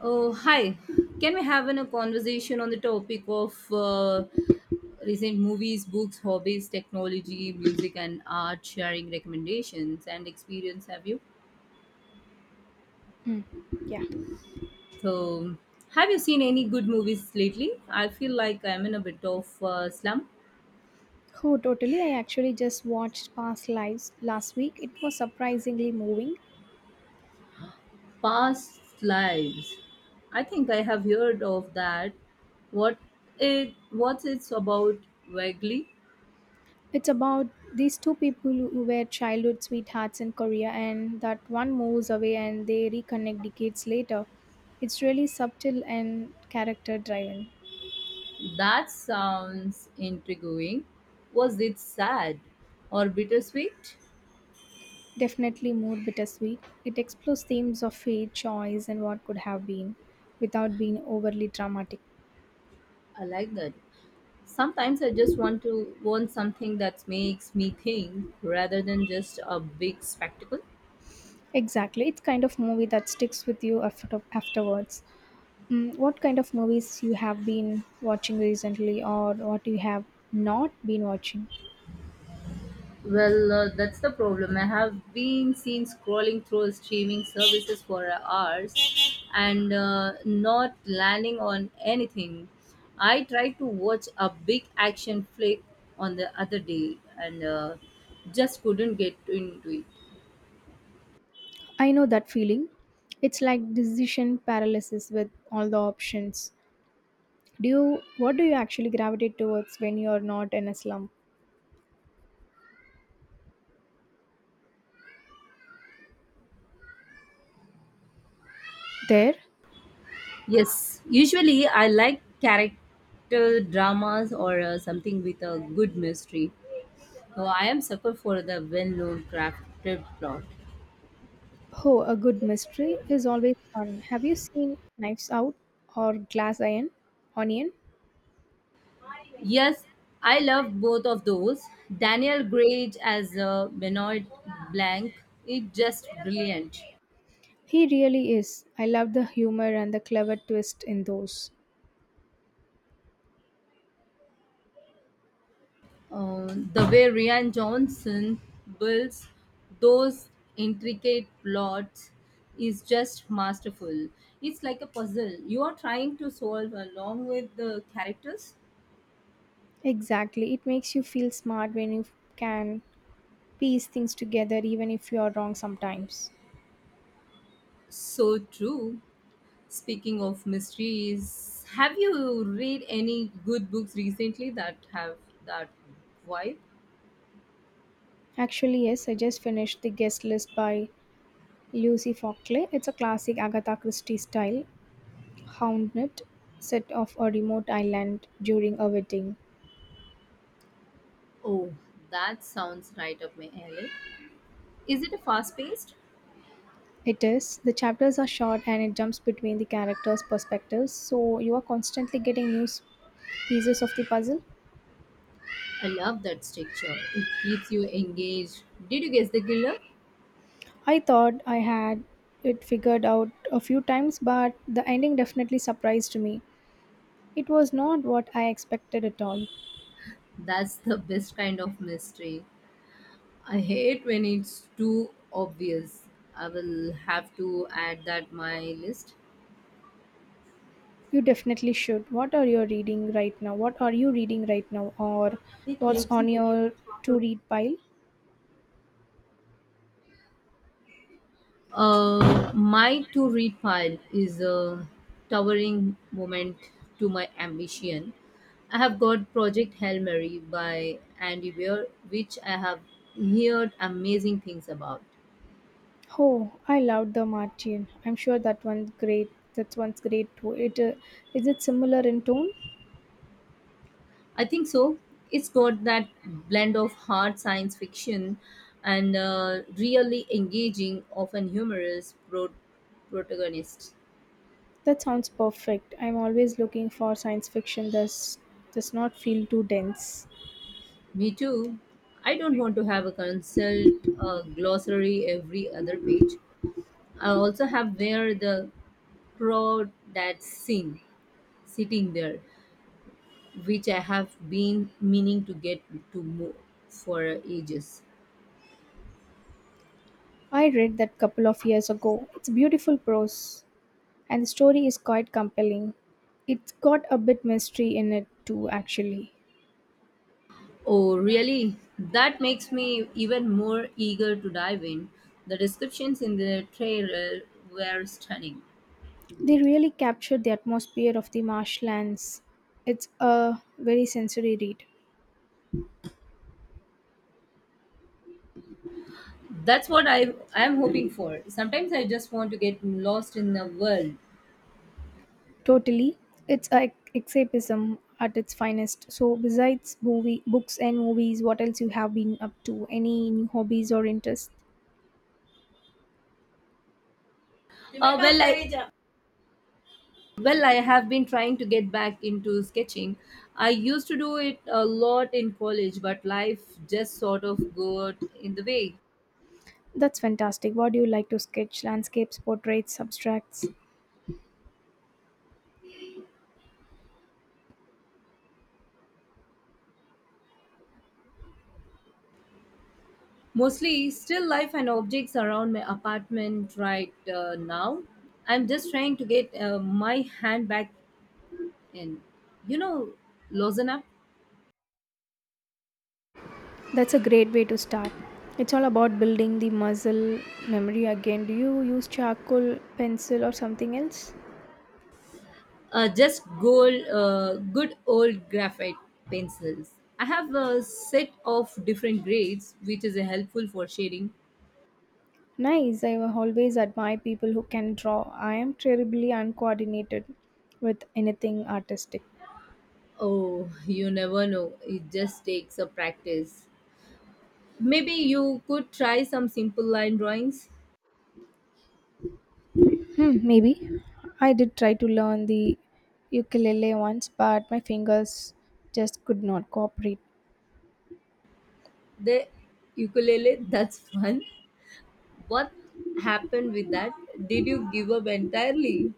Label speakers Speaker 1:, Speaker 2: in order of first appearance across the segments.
Speaker 1: Oh, hi. Can we have a conversation on the topic of recent movies, books, hobbies, technology, music, and art, sharing recommendations and experience? Have you?
Speaker 2: Mm, yeah.
Speaker 1: So, have you seen any good movies lately? I feel like I'm in a bit of slump.
Speaker 2: Oh, totally. I actually just watched Past Lives last week. It was surprisingly moving.
Speaker 1: Past lives. I think I have heard of that. What What's it's about vaguely?
Speaker 2: It's about these two people who were childhood sweethearts in Korea, and that one moves away and they reconnect decades later. It's really subtle and character driven.
Speaker 1: That sounds intriguing. Was it sad or bittersweet?
Speaker 2: Definitely more bittersweet. It explores themes of fate, choice, and what could have been without being overly dramatic.
Speaker 1: I like that. Sometimes I just want something that makes me think rather than just a big spectacle.
Speaker 2: Exactly. It's kind of movie that sticks with you afterwards. What kind of movies you have been watching recently or what you have not been watching?
Speaker 1: Well, that's the problem. I have been seen scrolling through streaming services for hours and not landing on anything. I tried to watch a big action flick on the other day and just couldn't get into it.
Speaker 2: I know that feeling. It's like decision paralysis with all the options. Do you What do you actually gravitate towards when you're not in a slump? There,
Speaker 1: Yes, usually I like character dramas or something with a good mystery. So I am sucker for the well-known crafted plot.
Speaker 2: oh, a good mystery is always fun. Have you seen Knives Out or Glass Iron? Onion?
Speaker 1: Yes, I love both of those. Daniel Gray as Benoit Blanc is just brilliant.
Speaker 2: He really is. I love the humor and the clever twist in those.
Speaker 1: Uh, the way Rian Johnson builds those intricate plots is just masterful. It's like a puzzle. You are trying to solve along with the characters.
Speaker 2: Exactly. It makes you feel smart when you can piece things together, even if you are wrong sometimes.
Speaker 1: So true. Speaking of mysteries, have you read any good books recently that have that vibe?
Speaker 2: Actually, yes, I just finished The Guest List by Lucy Fockley. It's a classic Agatha Christie style hounded set off a remote island during a wedding.
Speaker 1: Oh, that sounds right up my alley. Is it a fast paced?
Speaker 2: It is. The chapters are short and it jumps between the characters' perspectives, so you are constantly getting pieces of the puzzle.
Speaker 1: I love that structure. It keeps you engaged. Did you guess the killer?
Speaker 2: I thought I had it figured out a few times, but the ending definitely surprised me. It was not what I expected at all.
Speaker 1: That's the best kind of mystery. I hate when it's too obvious. I will have to add that my list.
Speaker 2: You definitely should. What are you reading right now? Or what's on your to read pile?
Speaker 1: My to read pile is a towering moment to my ambition. I have got Project Hail Mary by Andy Weir, which I have heard amazing things about.
Speaker 2: Oh, I loved The Martian. I'm sure that one's great. That one's great too. It is it similar in tone?
Speaker 1: I think so. It's got that blend of hard science fiction and really engaging, often humorous protagonist.
Speaker 2: That sounds perfect. I'm always looking for science fiction that does not feel too dense.
Speaker 1: Me too. I don't want to have a consult glossary every other page. I also have where the crow that sing sitting there, which I have been meaning to get to mo- for ages.
Speaker 2: I read that couple of years ago. It's beautiful prose and the story is quite compelling. It's got a bit mystery in it too actually.
Speaker 1: Oh, really? That makes me even more eager to dive in. The descriptions in the trailer were stunning.
Speaker 2: They really captured the atmosphere of the marshlands. It's a very sensory read.
Speaker 1: That's what I am hoping for. Sometimes I just want to get lost in the world.
Speaker 2: Totally. It's a escapism at its finest. So besides movie books and movies, what else you have been up to? Any new hobbies or interests?
Speaker 1: Uh, well, I, Well, I have been trying to get back into sketching. I used to do it a lot in college, but life just sort of got in the way.
Speaker 2: That's fantastic. What do you like to sketch? Landscapes, portraits, abstracts?
Speaker 1: Mostly still life and objects around my apartment right now. I'm just trying to get my hand back in. You know, Lozana?
Speaker 2: That's a great way to start. It's all about building the muscle memory again. Do you use charcoal, pencil, or something else?
Speaker 1: Just good old graphite pencils. I have a set of different grades, which is helpful for shading.
Speaker 2: Nice. I will always admire people who can draw. I am terribly uncoordinated with anything artistic.
Speaker 1: Oh, you never know. It just takes a practice. Maybe you could try some simple line drawings.
Speaker 2: Maybe. I did try to learn the ukulele once, but my fingers just could not cooperate.
Speaker 1: The ukulele, that's fun. What happened with that? Did you give up entirely?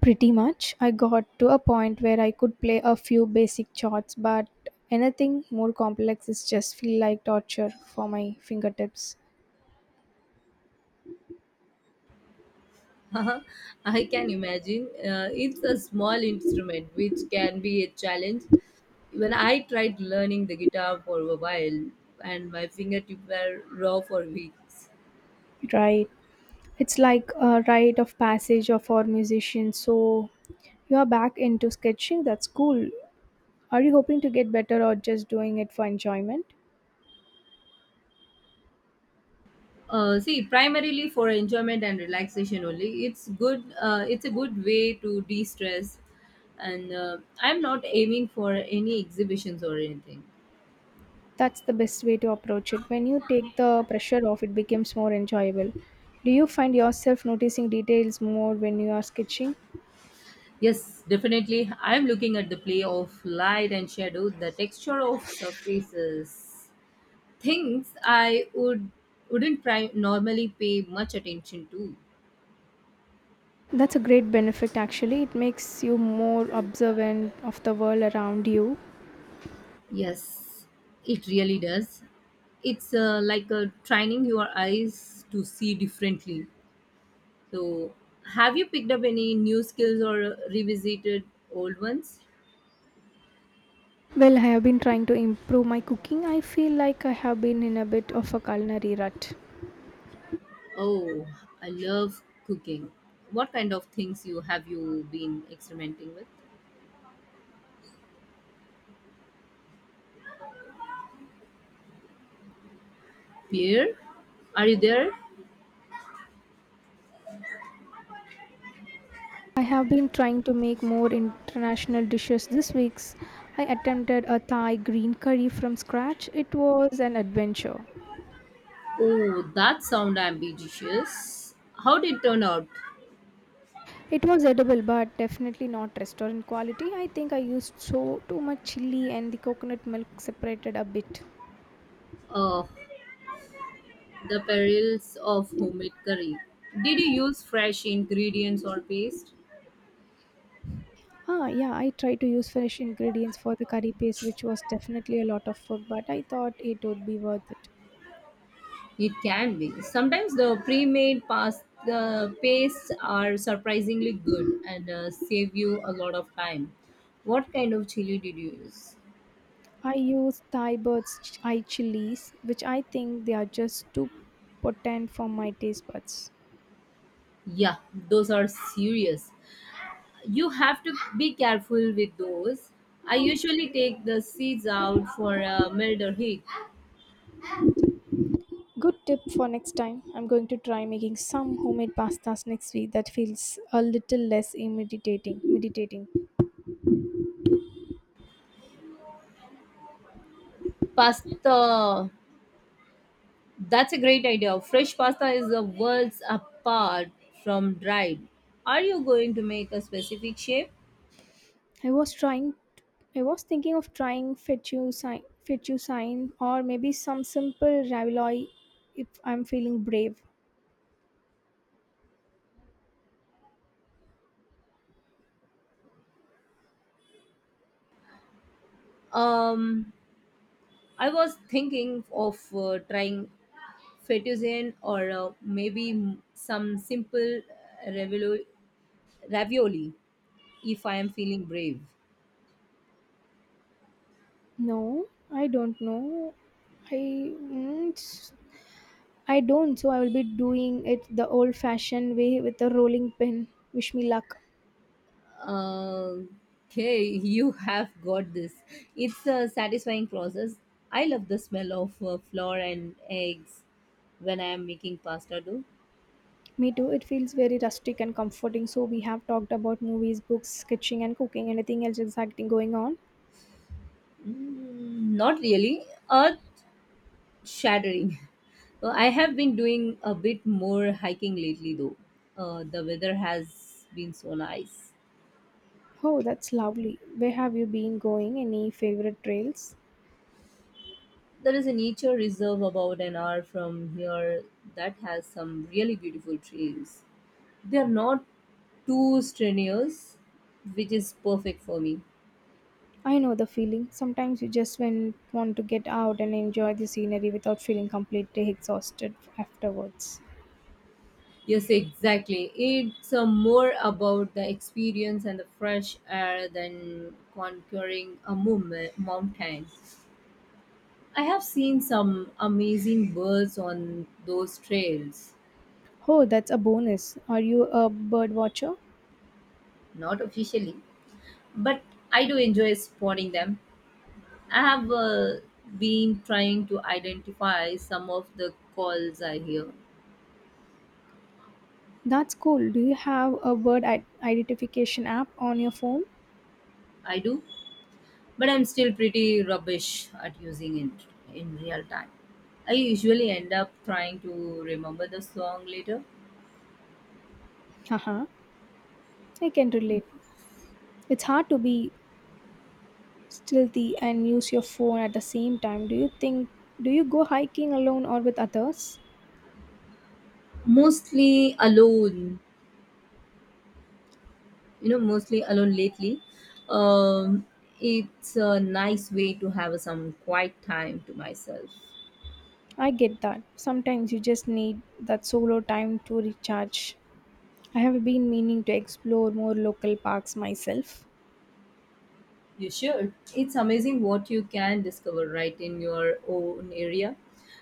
Speaker 2: Pretty much. I got to a point where I could play a few basic chords, but anything more complex is just feel like torture for my fingertips.
Speaker 1: I can imagine. It's a small instrument which can be a challenge. When I tried learning the guitar for a while and my fingertips were raw for weeks.
Speaker 2: Right. It's like a rite of passage of our musicians. So you are back into sketching. That's cool. Are you hoping to get better or just doing it for enjoyment?
Speaker 1: Primarily for enjoyment and relaxation only. It's good. It's a good way to de-stress, and I'm not aiming for any exhibitions or anything.
Speaker 2: That's the best way to approach it. When you take the pressure off, it becomes more enjoyable. Do you find yourself noticing details more when you are sketching?
Speaker 1: Yes, definitely. I'm looking at the play of light and shadow, the texture of surfaces, things I would wouldn't pri- normally pay much attention to.
Speaker 2: That's a great benefit actually. It makes you more observant of the world around you.
Speaker 1: Yes, it really does. It's like training your eyes to see differently. So, have you picked up any new skills or revisited old ones?
Speaker 2: Well, I have been trying to improve my cooking. I feel like I have been in a bit of a culinary rut.
Speaker 1: Oh, I love cooking. What kind of things you been experimenting with? Pierre, are you there?
Speaker 2: I have been trying to make more international dishes this week's. I attempted a Thai green curry from scratch. It was an adventure.
Speaker 1: Oh, that sound ambitious. How did it turn out?
Speaker 2: It was edible but definitely not restaurant quality. I think I used so too much chili and the coconut milk separated a bit.
Speaker 1: Oh, the perils of homemade curry. Did you use fresh ingredients or paste?
Speaker 2: Yeah, I tried to use fresh ingredients for the curry paste, which was definitely a lot of work, but I thought it would be worth it.
Speaker 1: It can be. Sometimes the pre-made pastes are surprisingly good and save you a lot of time. What kind of chili did you use?
Speaker 2: I used Thai bird's eye chilies, which I think they are just too potent for my taste buds.
Speaker 1: Yeah, those are serious. You have to be careful with those. I usually take the seeds out for a milder heat.
Speaker 2: Good tip for next time. I'm going to try making some homemade pastas next week that feels a little less intimidating. Meditating.
Speaker 1: Pasta, that's a great idea. Fresh pasta is the worlds apart from dried. Are you going to make a specific shape?
Speaker 2: I was trying I was thinking of trying fettuccine or maybe some simple ravioli if I'm feeling brave.
Speaker 1: Um, I was thinking of trying fettuccine or some simple ravioli if I am feeling brave.
Speaker 2: No, I don't know. I mm, it's- I don't. So I will be doing it the old-fashioned way with a rolling pin. Wish me luck.
Speaker 1: Uh, okay, you have got this. It's a satisfying process. I love the smell of flour and eggs when I am making pasta dough.
Speaker 2: Me too. It feels very rustic and comforting. So we have talked about movies, books, sketching, and cooking. Anything else exciting going on?
Speaker 1: Mm, not really. Shattering. I have been doing a bit more hiking lately, though. The weather has been so nice.
Speaker 2: Oh, that's lovely. Where have you been going? Any favorite trails?
Speaker 1: There is a nature reserve about an hour from here that has some really beautiful trails. They are not too strenuous, which is perfect for me.
Speaker 2: I know the feeling. Sometimes you just want to get out and enjoy the scenery without feeling completely exhausted afterwards.
Speaker 1: Yes, exactly. It's more about the experience and the fresh air than conquering a mountain. I have seen some amazing birds on those trails,
Speaker 2: Oh, that's a bonus. Are you a bird watcher?
Speaker 1: not officially, but I do enjoy spotting them. I have been trying to identify some of the calls I hear.
Speaker 2: That's cool. Do you have a identification app on your phone?
Speaker 1: I do, but I'm still pretty rubbish at using it in real time. I usually end up trying to remember the song later,
Speaker 2: Haha, I can relate. It's hard to be stealthy and use your phone at the same time. Do you go hiking alone or with others?
Speaker 1: mostly alone, you know, mostly alone lately, um, it's a nice way to have some quiet time to myself.
Speaker 2: I get that. Sometimes you just need that solo time to recharge. I have been meaning to explore more local parks myself.
Speaker 1: You should. It's amazing what you can discover right in your own area.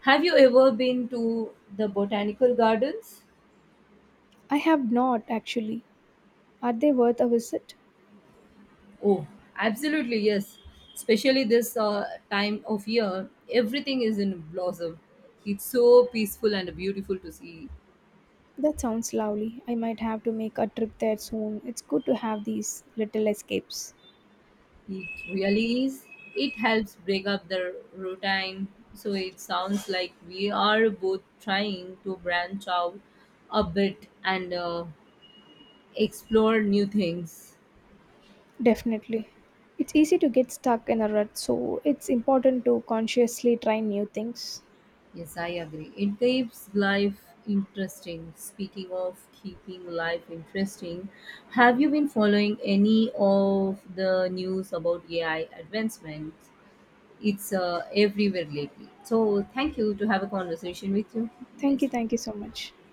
Speaker 1: Have you ever been to the botanical gardens?
Speaker 2: I have not actually. Are they worth a visit?
Speaker 1: Oh, absolutely, yes, especially this time of year, everything is in blossom. It's so peaceful and beautiful to see.
Speaker 2: That sounds lovely. I might have to make a trip there soon. It's good to have these little escapes.
Speaker 1: It really is. It helps break up the routine. So it sounds like we are both trying to branch out a bit and explore new things.
Speaker 2: Definitely. It's easy to get stuck in a rut, so it's important to consciously try new things.
Speaker 1: Yes, I agree. It keeps life interesting. Speaking of keeping life interesting, have you been following any of the news about AI advancements? It's everywhere lately. So, thank you to have a conversation with you. Nice.
Speaker 2: Thank you so much.